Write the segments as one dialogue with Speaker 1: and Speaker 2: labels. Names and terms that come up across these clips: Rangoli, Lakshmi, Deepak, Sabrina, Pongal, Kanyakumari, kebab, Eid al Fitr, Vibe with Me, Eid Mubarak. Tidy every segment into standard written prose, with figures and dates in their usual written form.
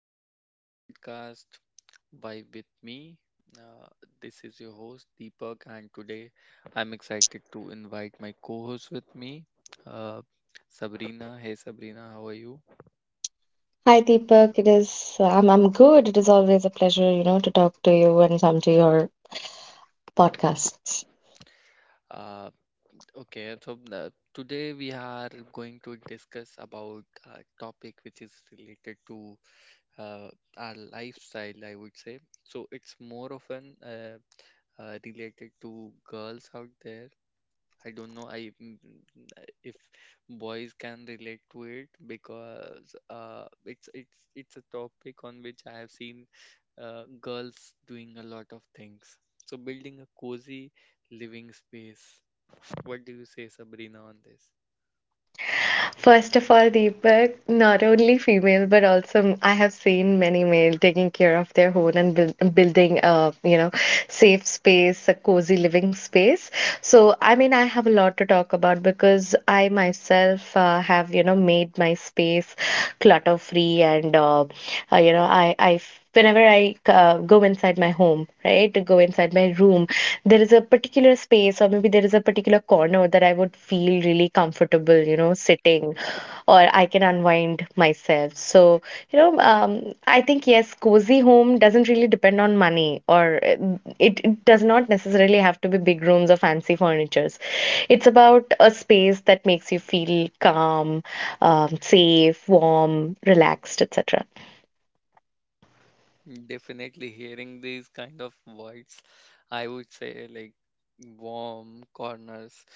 Speaker 1: welcome to our podcast Vibe with Me. Uh, this is your host Deepak, and today I'm excited to invite my co host with me, uh, Sabrina. Hey, Sabrina, how are you?
Speaker 2: Hi Deepak, it is I'm good. It is always a pleasure, to talk to you and come to your podcasts.
Speaker 1: Uh, okay, so today we are going to discuss about a topic which is related to uh, our lifestyle, I would say. So it's more often related to girls out there. I don't know, I if boys can relate to it, because it's a topic on which I have seen girls doing a lot of things. So building a cozy living space. What do you say, Sabrina, on this?
Speaker 2: First of all, Deepak, not only female but also I have seen many male taking care of their home and building a safe space, a cozy living space. So I mean, I have a lot to talk about because I myself have made my space clutter free, and I whenever I go inside my home, right, to go inside my room, there is a particular space, or maybe there is a particular corner that I would feel really comfortable, sitting, or I can unwind myself. So, I think, yes, cozy home doesn't really depend on money, or it does not necessarily have to be big rooms or fancy furnitures. It's about a space that makes you feel calm, safe, warm, relaxed, etc.
Speaker 1: Definitely, hearing these kind of words, I would say like warm corners.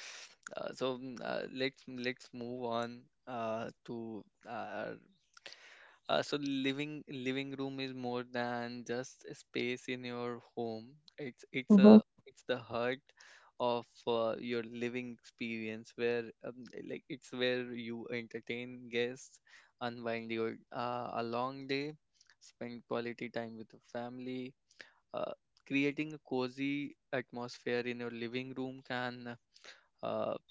Speaker 1: So let's move on to uh, so living room is more than just a space in your home. It's it's
Speaker 2: Hmm.
Speaker 1: a it's the heart of your living experience where like it's where you entertain guests, unwind your a long day, spend quality time with the family. Uh, Creating a cozy atmosphere in your living room can uh,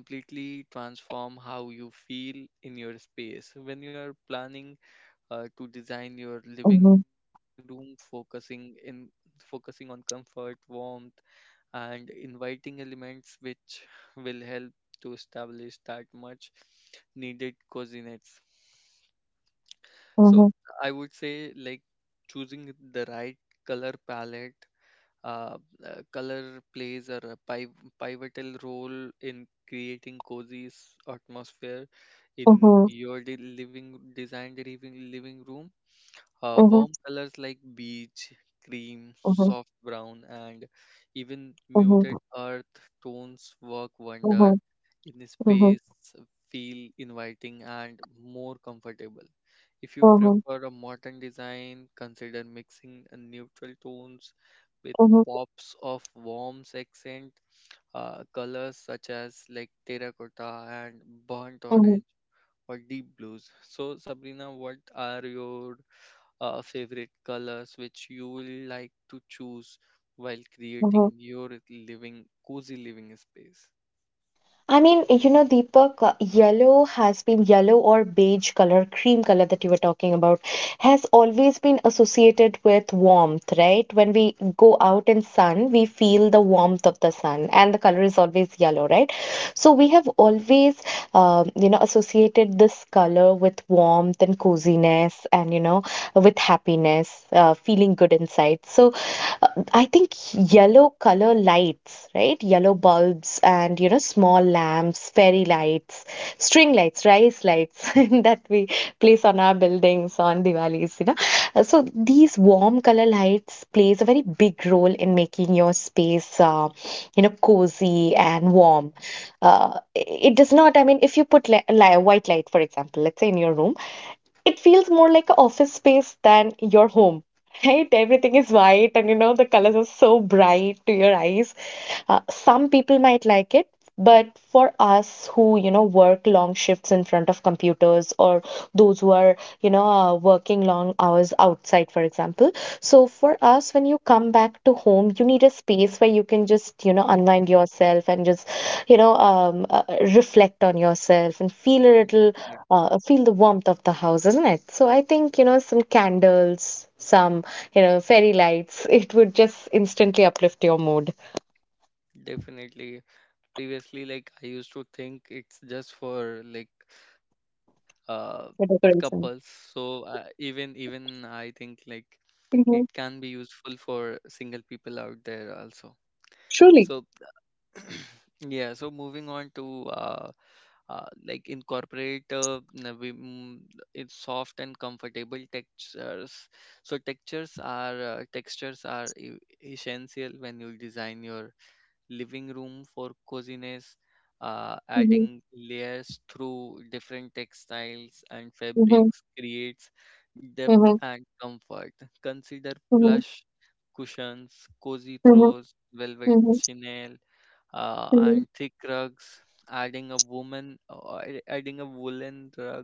Speaker 1: completely transform how you feel in your space. When you are planning to design your living
Speaker 2: Mhm,
Speaker 1: room, focusing on comfort, warmth, and inviting elements which will help to establish that much needed coziness. So
Speaker 2: mhm,
Speaker 1: I would say like choosing the right color palette, uh, color plays a pivotal role in creating cozy atmosphere in
Speaker 2: mhm,
Speaker 1: your de living designed living room.
Speaker 2: mhm,
Speaker 1: Warm colors like beige, cream,
Speaker 2: mhm, mhm,
Speaker 1: soft brown, and even
Speaker 2: mhm,
Speaker 1: muted earth tones work
Speaker 2: mhm,
Speaker 1: wonder in a
Speaker 2: mhm,
Speaker 1: space feel inviting and more comfortable. If you prefer a modern design, consider mixing neutral tones with
Speaker 2: mhm,
Speaker 1: pops of warm accent colors such as like terracotta and burnt
Speaker 2: mhm,
Speaker 1: orange, or deep blues. So, Sabrina, what are your favorite colors which you will like to choose while
Speaker 2: mhm.
Speaker 1: creating your living cozy living space?
Speaker 2: I mean, Deepak, yellow has been yellow or beige color, cream color that you were talking about, has always been associated with warmth, right? When we go out in sun, we feel the warmth of the sun, and the color is always yellow, right? So we have always, associated this color with warmth and coziness, and with happiness, feeling good inside. So I think yellow color lights, right? Yellow bulbs, and small lamps, fairy lights, string lights, rice lights that we place on our buildings on Diwali's. So these warm color lights plays a very big role in making your space cozy and warm. It does not, I mean, if you put li li white light, for example, let's say in your room, it feels more like an office space than your home. Right? Everything is white, and the colors are so bright to your eyes. Some people might like it, but for us who work long shifts in front of computers, or those who are working long hours outside, for example. So for us, when you come back to home, you need a space where you can just unwind yourself and just, you know, um, uh, reflect on yourself and feel a little
Speaker 1: Definitely.
Speaker 2: feel the warmth of the house, isn't it? So I think, some candles, some, fairy lights, it would just instantly uplift your mood.
Speaker 1: Definitely. Previously, like I used to think it's just for like uh
Speaker 2: The
Speaker 1: couples.
Speaker 2: decoration.
Speaker 1: So even I think like it can be
Speaker 2: Exactly.
Speaker 1: useful for single people out there also. So yeah, so moving on to like incorporate it's soft and comfortable textures. So textures are essential when you design your living room for coziness.
Speaker 2: Mhm,
Speaker 1: Adding layers through different textiles and
Speaker 2: mhm,
Speaker 1: fabrics creates
Speaker 2: mhm,
Speaker 1: depth
Speaker 2: mhm,
Speaker 1: and comfort. Consider
Speaker 2: mhm,
Speaker 1: plush cushions, cozy
Speaker 2: mhm,
Speaker 1: throws, velvet
Speaker 2: mhm,
Speaker 1: chenille, and
Speaker 2: mhm,
Speaker 1: thick rugs. Adding a woolen rug,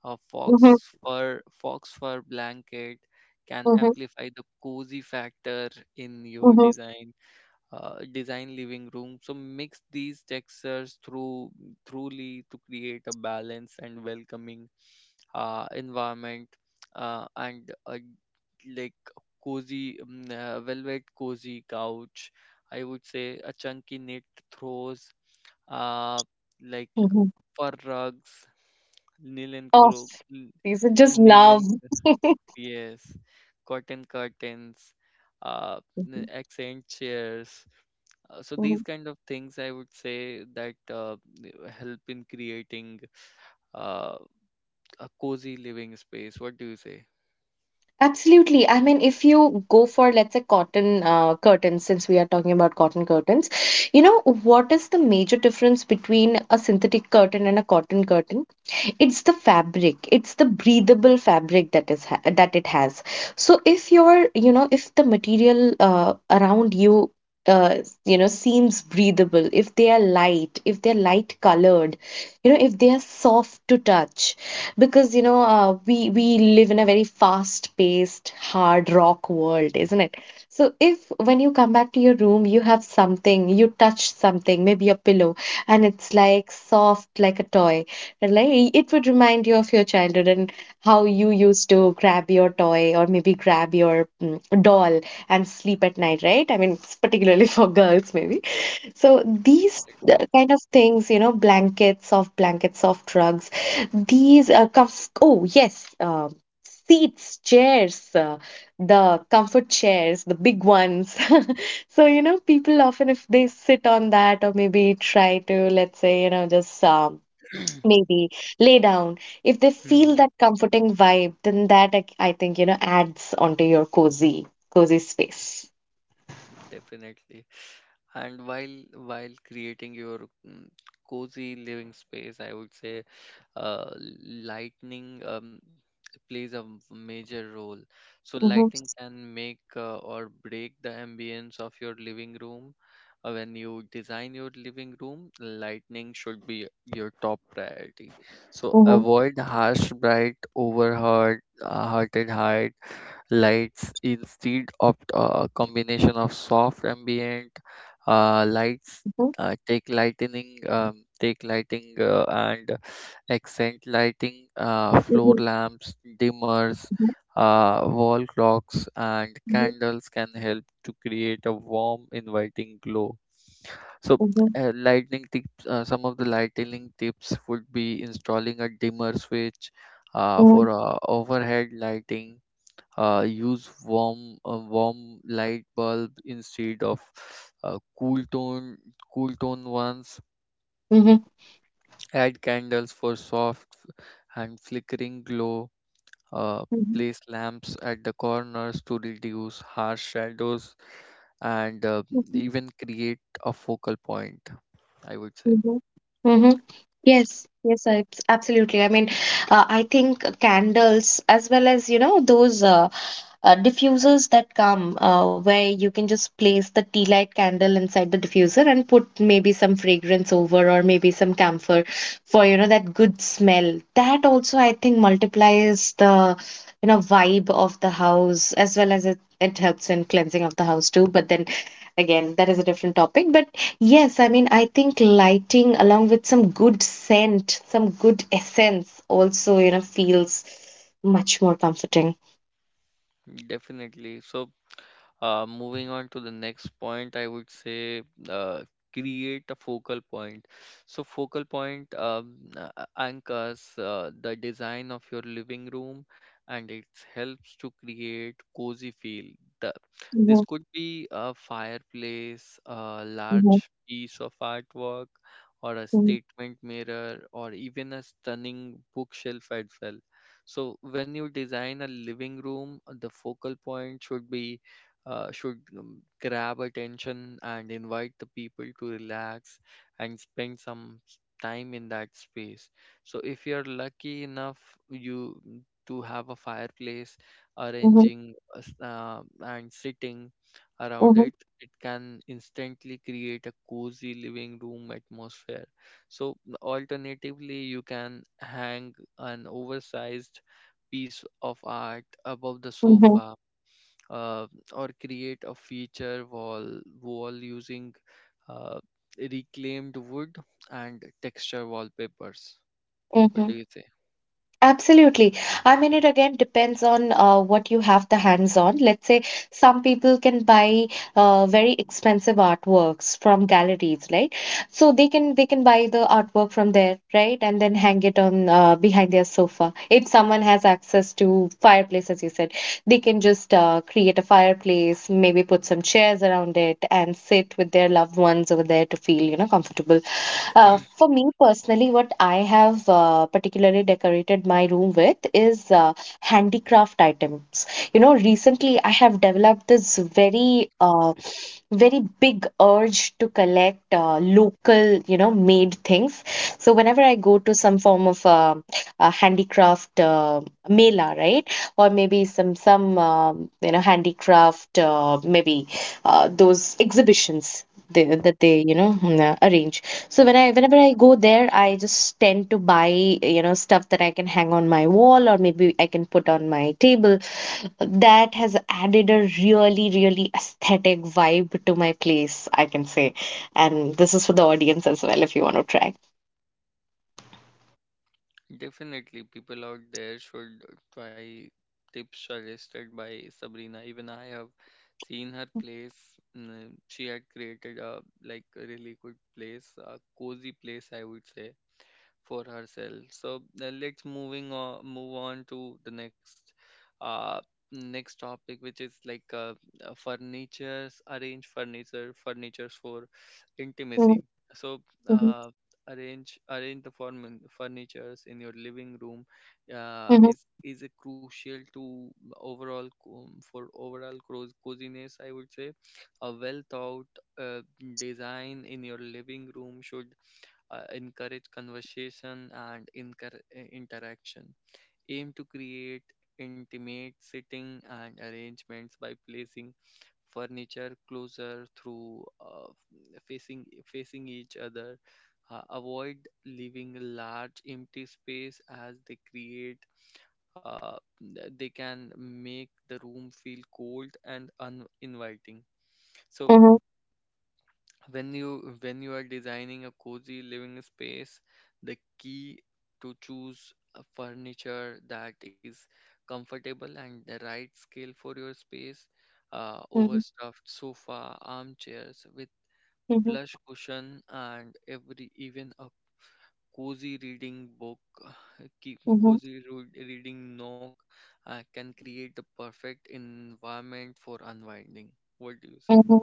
Speaker 1: a fox fur blanket can
Speaker 2: mhm,
Speaker 1: amplify the cozy factor in your
Speaker 2: mhm,
Speaker 1: design, design living room. So mix these textures through truly to create a balanced and welcoming environment, and like cozy, velvet cozy couch. I would say a chunky knit throws, uh, like
Speaker 2: mhm.
Speaker 1: for rugs, nylon
Speaker 2: Oh,
Speaker 1: kuro, n-
Speaker 2: these are just love.
Speaker 1: nylon, yes, cotton curtains, uh, accent chairs. So these
Speaker 2: Mhm.
Speaker 1: kind of things, I would say that help in creating uh, a cozy living space. What do you say?
Speaker 2: Absolutely. I mean, if you go for, let's say, cotton curtains, since we are talking about cotton curtains, what is the major difference between a synthetic curtain and a cotton curtain? It's the breathable fabric that that it has. So if your you know if the material around you uh, you know seems breathable, if they are light, if they're light colored, if they are soft to touch, because we live in a very fast paced, hard rock world, isn't it? So if when you come back to your room, you have something, you touch something, maybe a pillow, and it's like soft, like a toy, like it would remind you of your childhood and how you used to grab your toy, or maybe grab your doll and sleep at night, right? I mean, it's particularly for girls, maybe. So these
Speaker 1: Definitely.
Speaker 2: kind of things, blankets, soft rugs, oh yes, seats, chairs, the comfort chairs, the big ones. So, people often, if they sit on that, or maybe try to, let's say, just maybe lay down. If they feel
Speaker 1: Mhm.
Speaker 2: that comforting vibe, then that I think, adds onto your cozy, cozy space.
Speaker 1: Definitely. And while creating your cozy living space, I would say uh, lightning plays a major role. So
Speaker 2: Mm-hmm,
Speaker 1: lighting can make or break the ambience of your living room. When you design your living room, lighting should be your top priority. So
Speaker 2: mm-hmm,
Speaker 1: avoid harsh, bright, overheard, hearted height lights. Instead, opt a combination of soft ambient lights. Take lighting, and accent lighting,
Speaker 2: mm-hmm,
Speaker 1: floor lamps, dimmers,
Speaker 2: mm-hmm,
Speaker 1: wall clocks, and candles can help to create a warm, inviting glow. So,
Speaker 2: mm-hmm,
Speaker 1: lightning tips. Some of the lightning tips would be installing a dimmer switch
Speaker 2: mm-hmm,
Speaker 1: for overhead lighting. Use warm light bulb instead of uh, cool tone cool tone ones.
Speaker 2: mm-hmm,
Speaker 1: Add candles for soft and flickering glow, uh, place lamps at the corners to reduce harsh shadows, and
Speaker 2: mm-hmm,
Speaker 1: even create a focal point, I would say.
Speaker 2: mm-hmm, mm-hmm. Yes, yes, absolutely. I mean, I think candles, as well as, those diffusers that come where you can just place the tea light candle inside the diffuser and put maybe some fragrance over, or maybe some camphor for, that good smell. That also, I think, multiplies the, vibe of the house, as well as it helps in cleansing of the house too. But then again, that is a different topic. But yes, I mean, I think lighting along with some good scent, some good essence also, feels much more comforting.
Speaker 1: Definitely, so moving on to the next point, I would say uh, create a focal point. So, focal point anchors the design of your living room, and it helps to create cozy feel. The, this
Speaker 2: Hmm.
Speaker 1: could be a fireplace, a large
Speaker 2: Hmm.
Speaker 1: piece of artwork, or a statement mirror, or even a stunning bookshelf as well. So, when you design a living room, the focal point should be should grab attention and invite the people to relax and spend some time in that space. So if you're lucky enough to have a fireplace,
Speaker 2: Hmm.
Speaker 1: arranging a and sitting around it, it can instantly create a cozy living room atmosphere. So alternatively, you can hang an oversized piece of art above the
Speaker 2: Hmm.
Speaker 1: sofa, uh, or create a feature wall using uh, reclaimed wood and texture wallpapers. What do
Speaker 2: Hmm.
Speaker 1: you say?
Speaker 2: Absolutely. I mean, it again depends on what you have the hands on. Let's say some people can buy very expensive artworks from galleries, right? So they can buy the artwork from there, right? And then hang it on behind their sofa. If someone has access to fireplace, as you said, they can just create a fireplace, maybe put some chairs around it and sit with their loved ones over there to feel, comfortable. For me personally, what I have particularly decorated my room with is handicraft items. Recently I have developed this very big urge to collect local, made things. So whenever I go to some form of a handicraft mela, right, or maybe some handicraft, maybe those exhibitions. That they arrange. So whenever I go there, I just tend to buy, stuff that I can hang on my wall, or maybe I can put on my table. That has added a really, really aesthetic vibe to my place, I can say. And this is for the audience as well, if you want to try.
Speaker 1: Definitely, people out there should try tips suggested by Sabrina. Even I have seen her place. She had created a like a really good place, a cozy place, I would say, for herself. So let's moving on move on to the next uh next topic, which is like furnitures for
Speaker 2: Mhm,
Speaker 1: intimacy. So
Speaker 2: mhm,
Speaker 1: uh, arrange the form furnitures in your living room
Speaker 2: mhm,
Speaker 1: is a crucial to overall for overall coziness, I would say. A well thought uh, design in your living room should encourage conversation and interaction. Aim to create intimate sitting and arrangements by placing furniture closer through facing each other. Avoid leaving large empty space as they create uh, they can make the room feel cold and uninviting. So
Speaker 2: mhm,
Speaker 1: when you are designing a cozy living space, the key to choose a furniture that is comfortable and the right scale for your space.
Speaker 2: mhm,
Speaker 1: Overstuffed sofa armchairs with
Speaker 2: mhm,
Speaker 1: plush cushion and every even a cozy reading book keep
Speaker 2: mhm,
Speaker 1: cozy reading nook can create the perfect environment for unwinding. What do you say?
Speaker 2: mhm.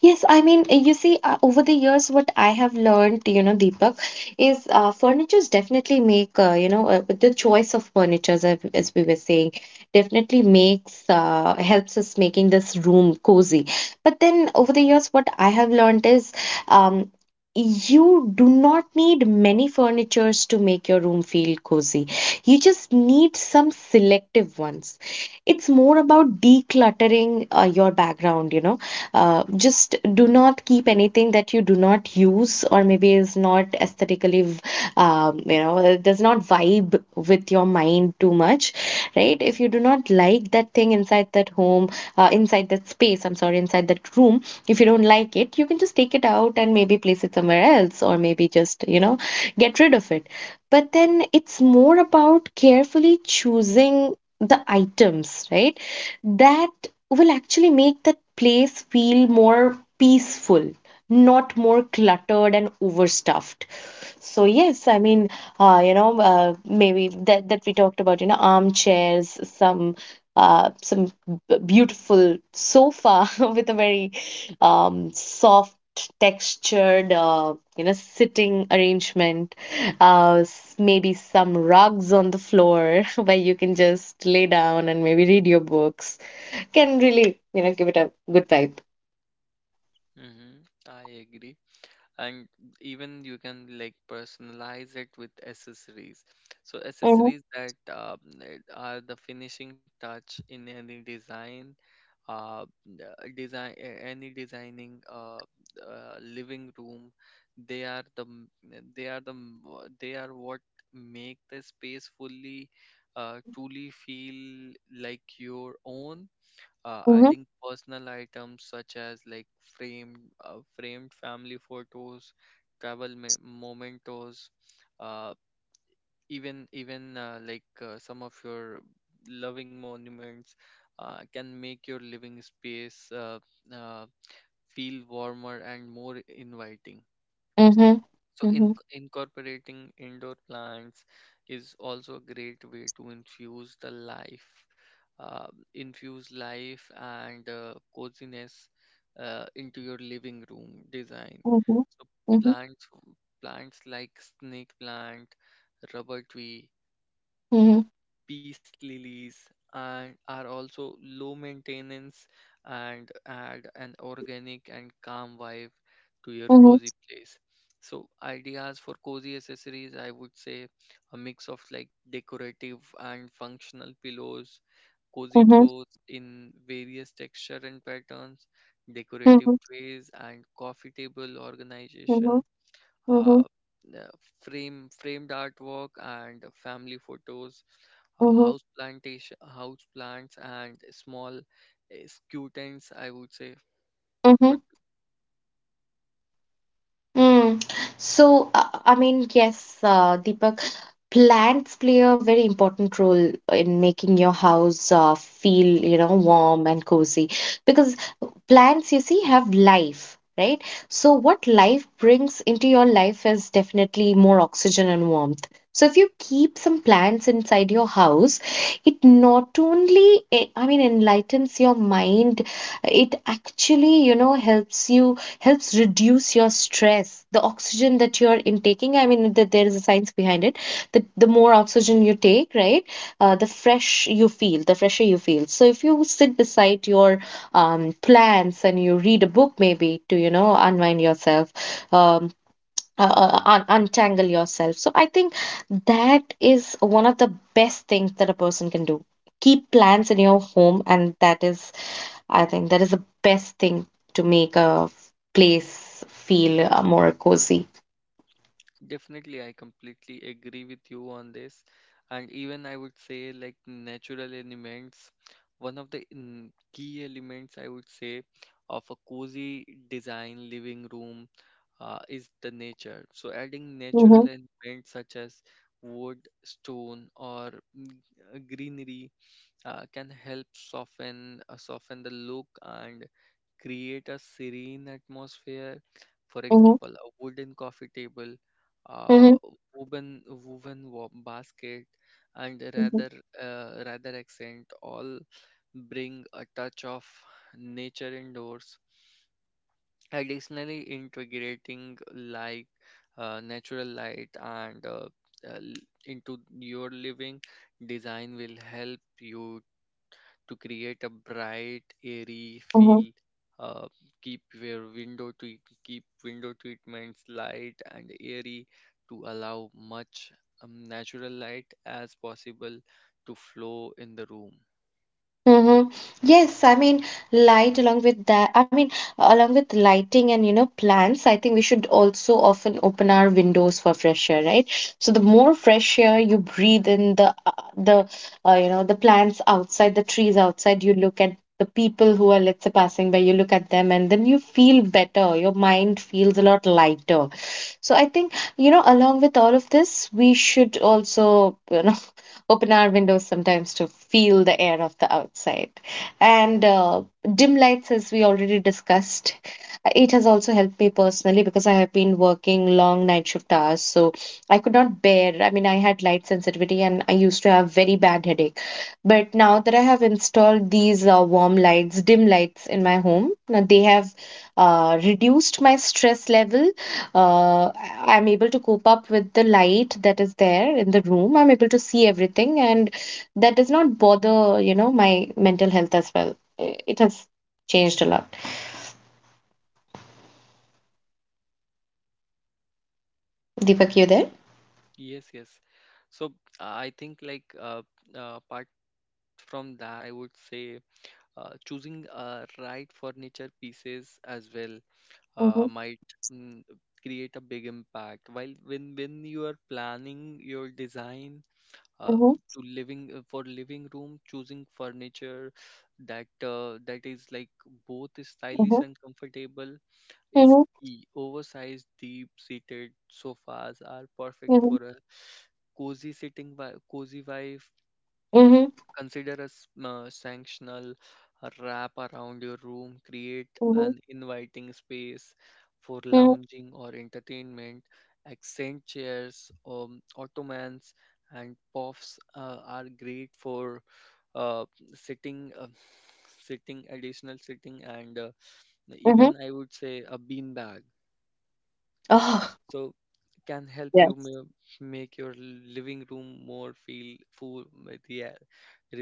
Speaker 2: Yes, I mean, you see, over the years, what I have learned, Deepak, is furnitures definitely make, you know, the choice of furnitures, as we were saying, definitely helps us making this room cozy. But then over the years, what I have learned is, um, you do not need many furnitures to make your room feel cozy. You just need some selective ones. It's more about decluttering your background, just do not keep anything that you do not use, or maybe is not aesthetically does not vibe with your mind too much. Right, if you do not like that thing inside that home, inside that space, I'm sorry, inside that room, if you don't like it, you can just take it out and maybe place it somewhere else, or maybe just get rid of it. But then it's more about carefully choosing the items, right, that will actually make that place feel more peaceful, not more cluttered and overstuffed. So yes, I mean, maybe that we talked about, armchairs, uh, some beautiful sofa with a very soft textured, sitting arrangement. Maybe some rugs on the floor where you can just lay down and maybe read your books, can really, give it a good vibe.
Speaker 1: Mm-hmm. I agree. And even you can like personalize it with accessories. So
Speaker 2: Mhm,
Speaker 1: accessories that are the finishing touch in any design, uh n- any designing uh, living room. They are the m- they are the m- wha- They are what make the space fully truly feel like your own.
Speaker 2: mhm,
Speaker 1: Adding personal items such as like framed family photos, travel mementos, uh, even like some of your loving monuments can make your living space uh, feel warmer and more inviting.
Speaker 2: mhm,
Speaker 1: So
Speaker 2: mhm,
Speaker 1: incorporating indoor plants is also a great way to infuse uh, infuse life and coziness into your living room design.
Speaker 2: mhm, mhm,
Speaker 1: So
Speaker 2: mhm,
Speaker 1: plants, plants like snake plant, rubber tree,
Speaker 2: mhm,
Speaker 1: peace lilies, and are also low maintenance, and add an organic and calm vibe to your
Speaker 2: mhm,
Speaker 1: cozy place. So ideas for cozy accessories, I would say a mix of like decorative and functional pillows, cozy
Speaker 2: mhm,
Speaker 1: throws in various texture and patterns, decorative
Speaker 2: mhm,
Speaker 1: trays and coffee table organization,
Speaker 2: mhm,
Speaker 1: uh, the framed artwork and family photos,
Speaker 2: mhm,
Speaker 1: house plantation, house plants, and small skew tents, I would say.
Speaker 2: mhm.
Speaker 1: But
Speaker 2: Mm. So, I mean, yes, Deepak, plants play a very important role in making your house feel, warm and cozy, because plants, you see, have life, right? So, what life brings into your life is definitely more oxygen and warmth. So, if you keep some plants inside your house, it not only, I mean, enlightens your mind, it actually, helps reduce your stress. The oxygen that you're intaking, I mean, that there is a science behind it, that the more oxygen you take, right, the fresher you feel. So if you sit beside your plants and you read a book, maybe to unwind yourself, um, untangle yourself, so I think that is one of the best things that a person can do. Keep plants in your home, and that is I think that is the best thing to make a place feel more cozy.
Speaker 1: definitely, I completely agree with you on this. And even I would say, like natural elements, one of the key elements I would say of a cozy design living room is the nature. So, adding natural
Speaker 2: Mm-hmm,
Speaker 1: elements such as wood, stone, or mm, greenery can help soften the look and create a serene atmosphere. For
Speaker 2: mm-hmm,
Speaker 1: example, a wooden coffee table, uh, basket, and
Speaker 2: mm-hmm.
Speaker 1: rather accent all bring a touch of nature indoors. Additionally, integrating like natural light and uh, l- into your living design will help you to create a bright, airy feel. Uh, Keep your window treat keep window treatments light and airy to allow much natural light as possible to flow in the room.
Speaker 2: Mhm. Yes, I mean, light along with that, I mean, along with lighting and, plants, I think we should also often open our windows for fresh air, right? So the more fresh air you breathe in, the the plants outside, the trees outside, you look at the people who are, let's say, passing by, you look at them, and then you feel better. Your mind feels a lot lighter. So I think, you know, along with all of this, we should also, you know, open our windows sometimes to feel the air of the outside. And Dim lights, as we already discussed, it has also helped me personally because I have been working long night shift hours. So I could not bear, I mean, I had light sensitivity and I used to have very bad headache. But now that I have installed these warm lights, dim lights in my home, now they have reduced my stress level uh, I'm able to cope up with the light that is there in the room. I'm able to see everything, and that does not bother, my mental health as well. It has changed a lot. Deepak, you there?
Speaker 1: Yes, yes. So I think like apart from that, I would say choosing right furniture pieces as well uh,
Speaker 2: Mm-hmm,
Speaker 1: might mm, create a big impact. While when you are planning your design uh,
Speaker 2: mm-hmm,
Speaker 1: to living for living room, choosing furniture that is like both stylish
Speaker 2: mm-hmm,
Speaker 1: and comfortable is key. Oversized, deep-seated sofas are perfect
Speaker 2: mm-hmm,
Speaker 1: for a cozy sitting cozy vibe.
Speaker 2: mm-hmm,
Speaker 1: Consider a sanctional wrap around your room. Create
Speaker 2: mm-hmm,
Speaker 1: an inviting space for
Speaker 2: mm-hmm,
Speaker 1: lounging or entertainment. Accent chairs, ottomans, and puffs are great for uh, sitting, uh, sitting, additional sitting, and
Speaker 2: mm-hmm.
Speaker 1: even I would say a bean bag,
Speaker 2: Oh,
Speaker 1: so can help you
Speaker 2: yes.
Speaker 1: make your living room more feel full with the air.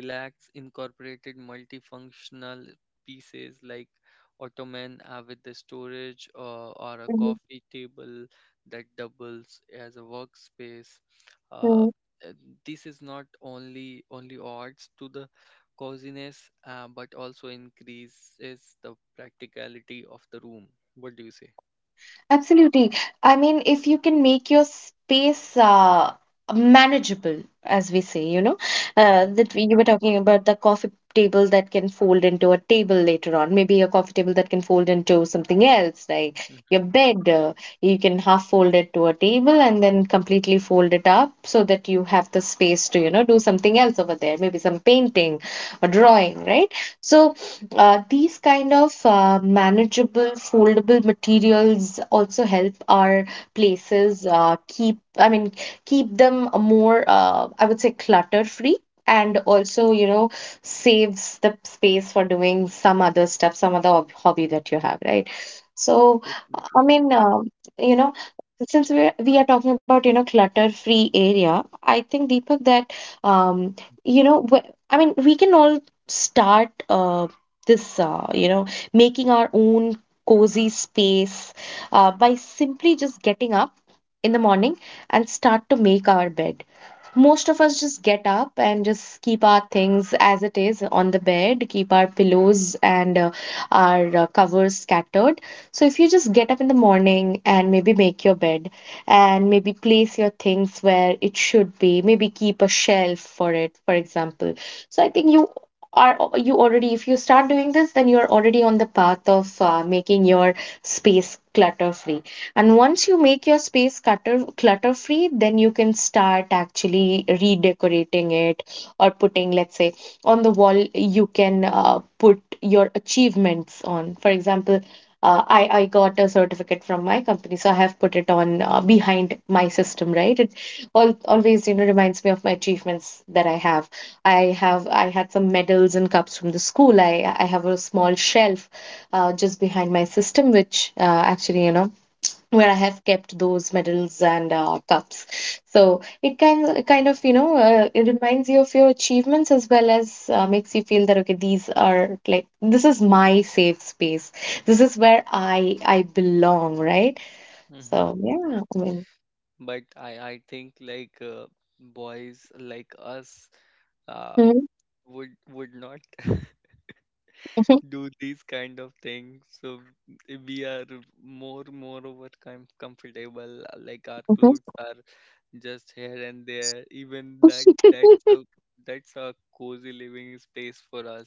Speaker 1: Relax. Incorporated multifunctional pieces like ottoman with the storage or a coffee table that doubles as a workspace. uh,
Speaker 2: Mm-hmm.
Speaker 1: uh, this is not only adds to the coziness but also increases the practicality of the room. What do you say?
Speaker 2: Absolutely. I mean, if you can make your space manageable, as we say, you know,
Speaker 1: Hmm.
Speaker 2: that you were talking about the coffee table that can fold into a table later on, maybe a coffee table that can fold into something else, like
Speaker 1: Hmm.
Speaker 2: your bed. You can half fold it to a table and then completely fold it up so that you have the space to, you know, do something else over there, maybe some painting or drawing, right? So these kind of manageable, foldable materials also help our places keep, I mean, keep them more, I would say, clutter-free. And also, you know, saves the space for doing some other stuff, some other hobby that you have, right? So, I
Speaker 1: Definitely.
Speaker 2: mean, you know, since we are talking about, you know, clutter-free area, I think Deepak that um, you know, I mean, we can all start this you know, making our own cozy space by simply just getting up in the morning and start to make our bed. Most of us just get up and just keep our things as it is on the bed, keep our pillows and our covers scattered. So, if you just get up in the morning and maybe make your bed and maybe place your things where it should be, maybe keep a shelf for it, for example. So, I think you are you already if you start doing this then you're already on the path of making your space clutter free. And once you make your space clutter free, then you can start actually redecorating it or putting, let's say, on the wall, you can put your achievements on. For example, I got a certificate from my company, so I have put it on behind my system, right? It all, always, you know, reminds me of my achievements that I have. I had some medals and cups from the school. I have a small shelf just behind my system, which actually, you know, where I have kept those medals and cups. So it kind of you know it reminds you of your achievements as well as makes you feel that okay these are like this is my safe space. This is where I belong, right?
Speaker 1: Hmm.
Speaker 2: So yeah, I mean.
Speaker 1: But I think like boys like us, uh,
Speaker 2: Mhm,
Speaker 1: would not
Speaker 2: mhm,
Speaker 1: do these kind of things. So we are moreover comfortable. Like our
Speaker 2: mhm,
Speaker 1: clothes are just here and there. Even that's a cozy living space for us.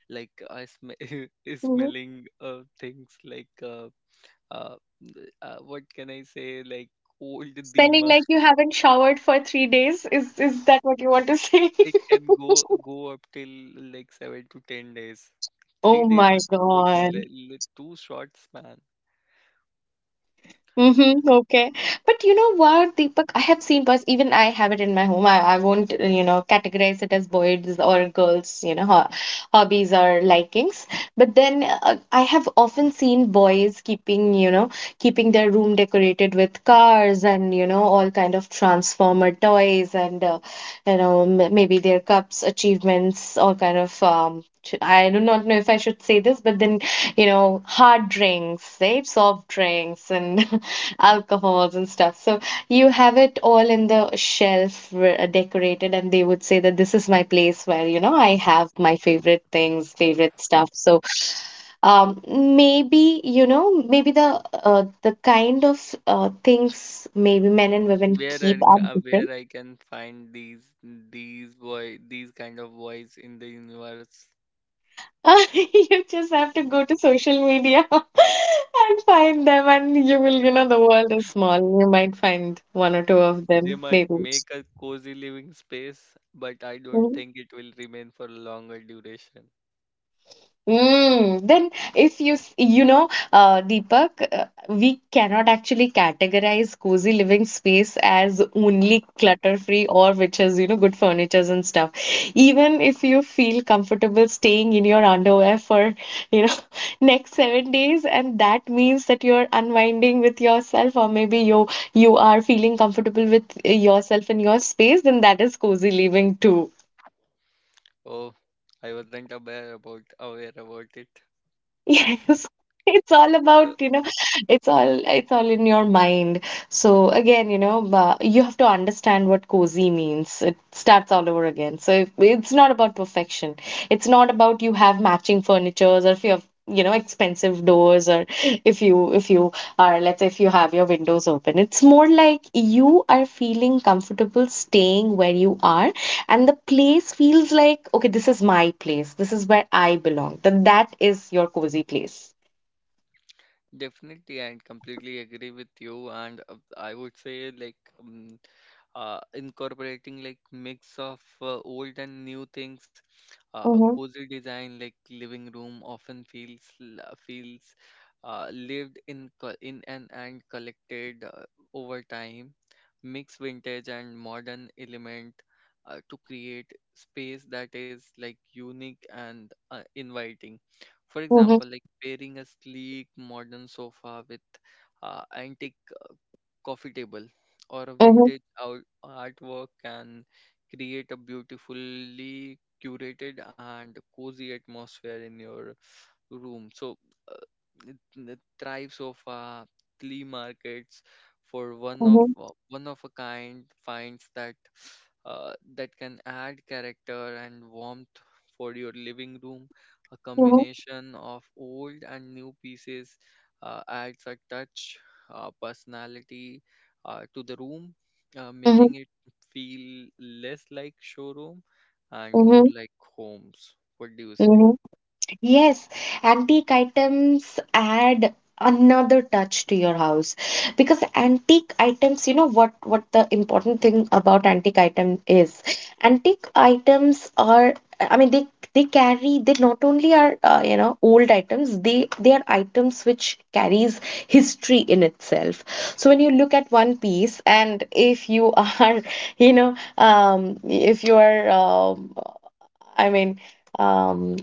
Speaker 1: Like I sm is
Speaker 2: mhm.
Speaker 1: smelling uh, things like uh, what can I say, like old
Speaker 2: Spending
Speaker 1: Dima.
Speaker 2: like you haven't showered for 3 days is that what you want to say?
Speaker 1: It can go up till like 7 to 10 days. Three
Speaker 2: Oh
Speaker 1: days is
Speaker 2: my
Speaker 1: like
Speaker 2: God.
Speaker 1: too short span.
Speaker 2: Mm-hmm, okay. But you know what, Deepak? I have seen bus, even I have it in my home. I won't, you know, categorize it as boys or girls, you know, ho hobbies or likings. But then I have often seen boys keeping, you know, keeping their room decorated with cars and, you know, all kind of transformer toys and, you know, m maybe their cups, achievements, all kind of, I do not know if I should say this, but then you know, hard drinks, right? Soft drinks and alcohols and stuff. So you have it all in the shelf decorated, and they would say that this is my place where, you know, I have my favorite things, favorite stuff. So maybe, you know, maybe the kind of things maybe men and women
Speaker 1: Where
Speaker 2: keep are
Speaker 1: where
Speaker 2: different.
Speaker 1: I can find these kind of boys in the universe?
Speaker 2: You just have to go to social media and find them, and you will, you know, the world is small. You might find one or two of
Speaker 1: They
Speaker 2: them,
Speaker 1: might
Speaker 2: maybe.
Speaker 1: make a cozy living space, but I don't
Speaker 2: Mm-hmm.
Speaker 1: think it will remain for a longer duration.
Speaker 2: Mm, then if you know Deepak we cannot actually categorize cozy living space as only clutter free or which is you know good furnitures and stuff, even if you feel comfortable staying in your underwear for you know next 7 days, and that means that you're unwinding with yourself, or maybe you are feeling comfortable with yourself in your space, then that is cozy living too.
Speaker 1: Oh, I wasn't aware about it.
Speaker 2: Yes, it's all
Speaker 1: So.
Speaker 2: about, you know, it's all in your mind. So again, you know, you have to understand what cozy means. It starts all over again. So if, it's not about perfection. It's not about you have matching furnitures, or if you have, you know, expensive doors, or if you are, let's say if you have your windows open. It's more like you are feeling comfortable staying where you are, and the place feels like okay this is my place this is where I belong, then that is your cozy place.
Speaker 1: Definitely, I completely agree with you, and I would say like incorporating like mix of old and new things. A
Speaker 2: Mm-hmm,
Speaker 1: cozy design like living room often feels lived in, and collected over time. Mix vintage and modern element to create space that is like unique and inviting. For example,
Speaker 2: mm-hmm,
Speaker 1: like pairing a sleek modern sofa with antique coffee table or a
Speaker 2: mm-hmm,
Speaker 1: vintage artwork can create a beautifully curated and cozy atmosphere in your room. So uh, Thrive Sofa, flea markets for
Speaker 2: mm-hmm,
Speaker 1: one of a kind finds that that can add character and warmth for your living room. A combination of old and new pieces adds a touch personality to the room,
Speaker 2: mm-hmm,
Speaker 1: making it feel less like showroom and more like homes. What do you say?
Speaker 2: mm-hmm. Yes, antique items add another touch to your house, because antique items, you know what the important thing about antique item is. Antique items are, I mean, they carry they not only are you know old items, they are items which carries history in itself. So when you look at one piece, and if you are you know if you are I mean, um,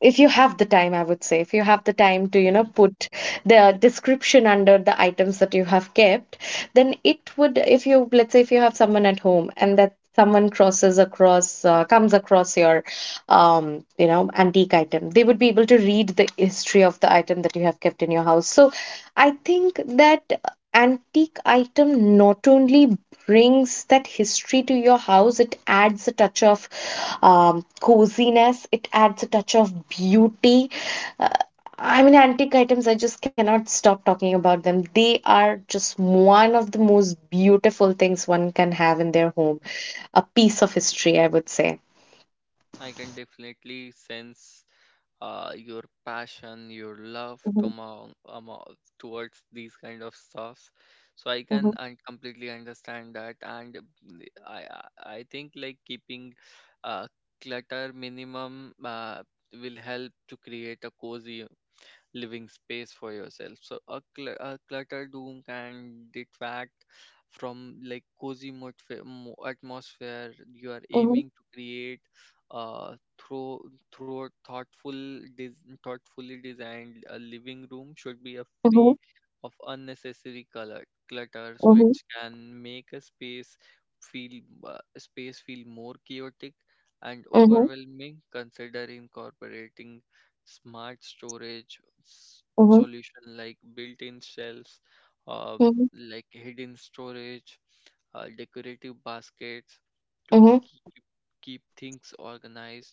Speaker 2: if you have the time, I would say, if you have the time to, you
Speaker 1: Hmm.
Speaker 2: know, put the description under the items that you have kept, then it would, if you, let's say, if you have someone at home and that someone crosses across, comes across your, you know, antique item, they would be able to read the history of the item that you have kept in your house. So I think that antique item not only brings that history to your house, it adds a touch of coziness, it adds a touch of beauty. Uh, I mean, antique items, I just cannot stop talking about them. They are just one of the most beautiful things one can have in their home. A piece of history, I would say.
Speaker 1: I can definitely sense your passion, your love towards these kind of stuffs. So
Speaker 2: Mhm,
Speaker 1: I completely understand that, and mm, I think like keeping uh, clutter minimum will help to create a cozy living space for yourself. So a clutter doom can detract from like cozy atmosphere you are aiming
Speaker 2: mhm,
Speaker 1: to create through thoughtfully designed a living room should be a free
Speaker 2: mhm,
Speaker 1: of unnecessary color clutters, which
Speaker 2: mhm,
Speaker 1: can make a feel space feel more chaotic and
Speaker 2: mhm,
Speaker 1: overwhelming. Consider incorporating smart
Speaker 2: mhm,
Speaker 1: solution like built-in shelves, um,
Speaker 2: mhm,
Speaker 1: like hidden storage, decorative baskets to
Speaker 2: mhm,
Speaker 1: keep things organized.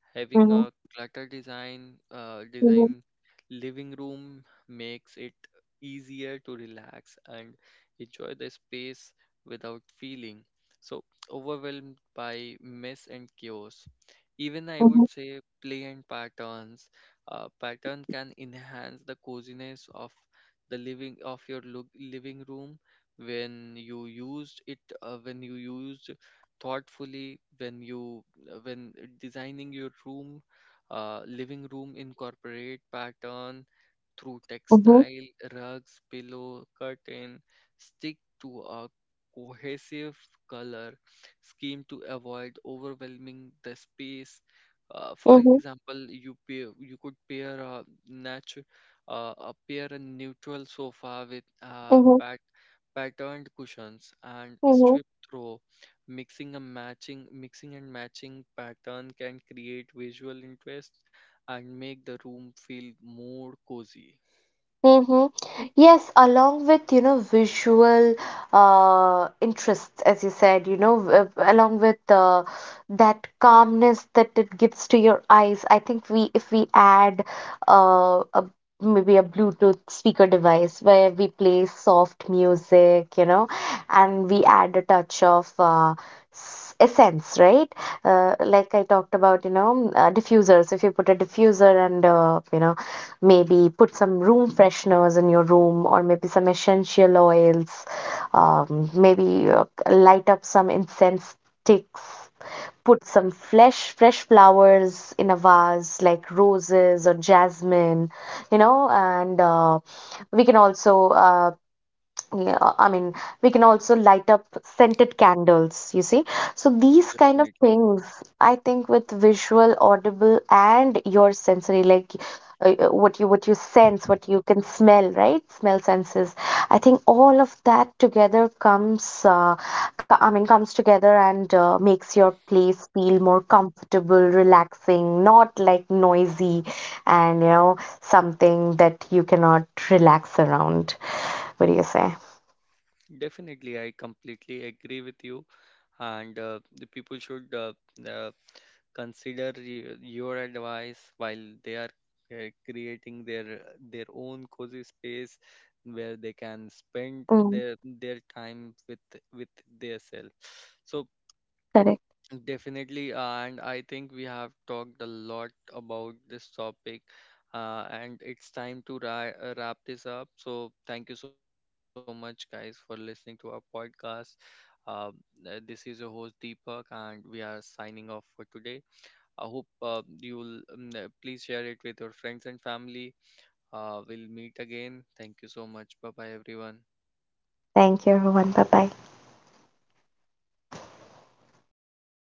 Speaker 1: Having a
Speaker 2: mhm,
Speaker 1: clutter design
Speaker 2: mhm,
Speaker 1: design living room makes it easier to relax and enjoy the space without feeling so overwhelmed by mess and chaos. Even I would say play and patterns pattern can enhance the coziness of the living of your look, living room, when you used it when you used thoughtfully. When you when designing your room living room, incorporate pattern through
Speaker 2: mhm,
Speaker 1: textile, rugs, pillow, curtain. Stick to a cohesive color scheme to avoid overwhelming the space. For
Speaker 2: mhm, mhm,
Speaker 1: example, you could pair a natural a neutral sofa with
Speaker 2: mhm,
Speaker 1: patterned cushions and
Speaker 2: mhm.
Speaker 1: strip throw. Mixing and matching pattern can create visual interest and make the room feel more cozy.
Speaker 2: Mm-hmm. Yes, along with you know visual interests, as you said, you know, along with that calmness that it gives to your eyes. I think we if we add uh a, maybe a Bluetooth speaker device where we play soft music, you know, and we add a touch of essence, right? Like I talked about, you know, diffusers. If you put a diffuser and you know maybe put some room fresheners in your room, or maybe some essential oils. Maybe light up some incense sticks. Put some fresh flowers in a vase like roses or jasmine, you know, and we can also yeah, I mean, we can also light up scented candles, you see. So these kind of
Speaker 1: Definitely.
Speaker 2: things, I think with visual, audible, and your sensory, like what you sense, what you can smell, right? Smell senses. I think all of that together comes, I mean, comes together and makes your place feel more comfortable, relaxing, not like noisy, and you know, something that you cannot relax around. What do you say?
Speaker 1: Definitely, I completely agree with you. And the people should uh, consider your advice while they are creating their own cozy space where they can spend
Speaker 2: Mm,
Speaker 1: their time with their self. So.
Speaker 2: correct.
Speaker 1: Definitely, and I think we have talked a lot about this topic, and it's time to wrap this up. So thank you so much, guys, for listening to our podcast. Uh, this is your host Deepak, and we are signing off for today. I hope you'll please share it with your friends and family. We'll meet again. Thank you so much. Bye bye, everyone.
Speaker 2: Thank you, everyone. Bye bye.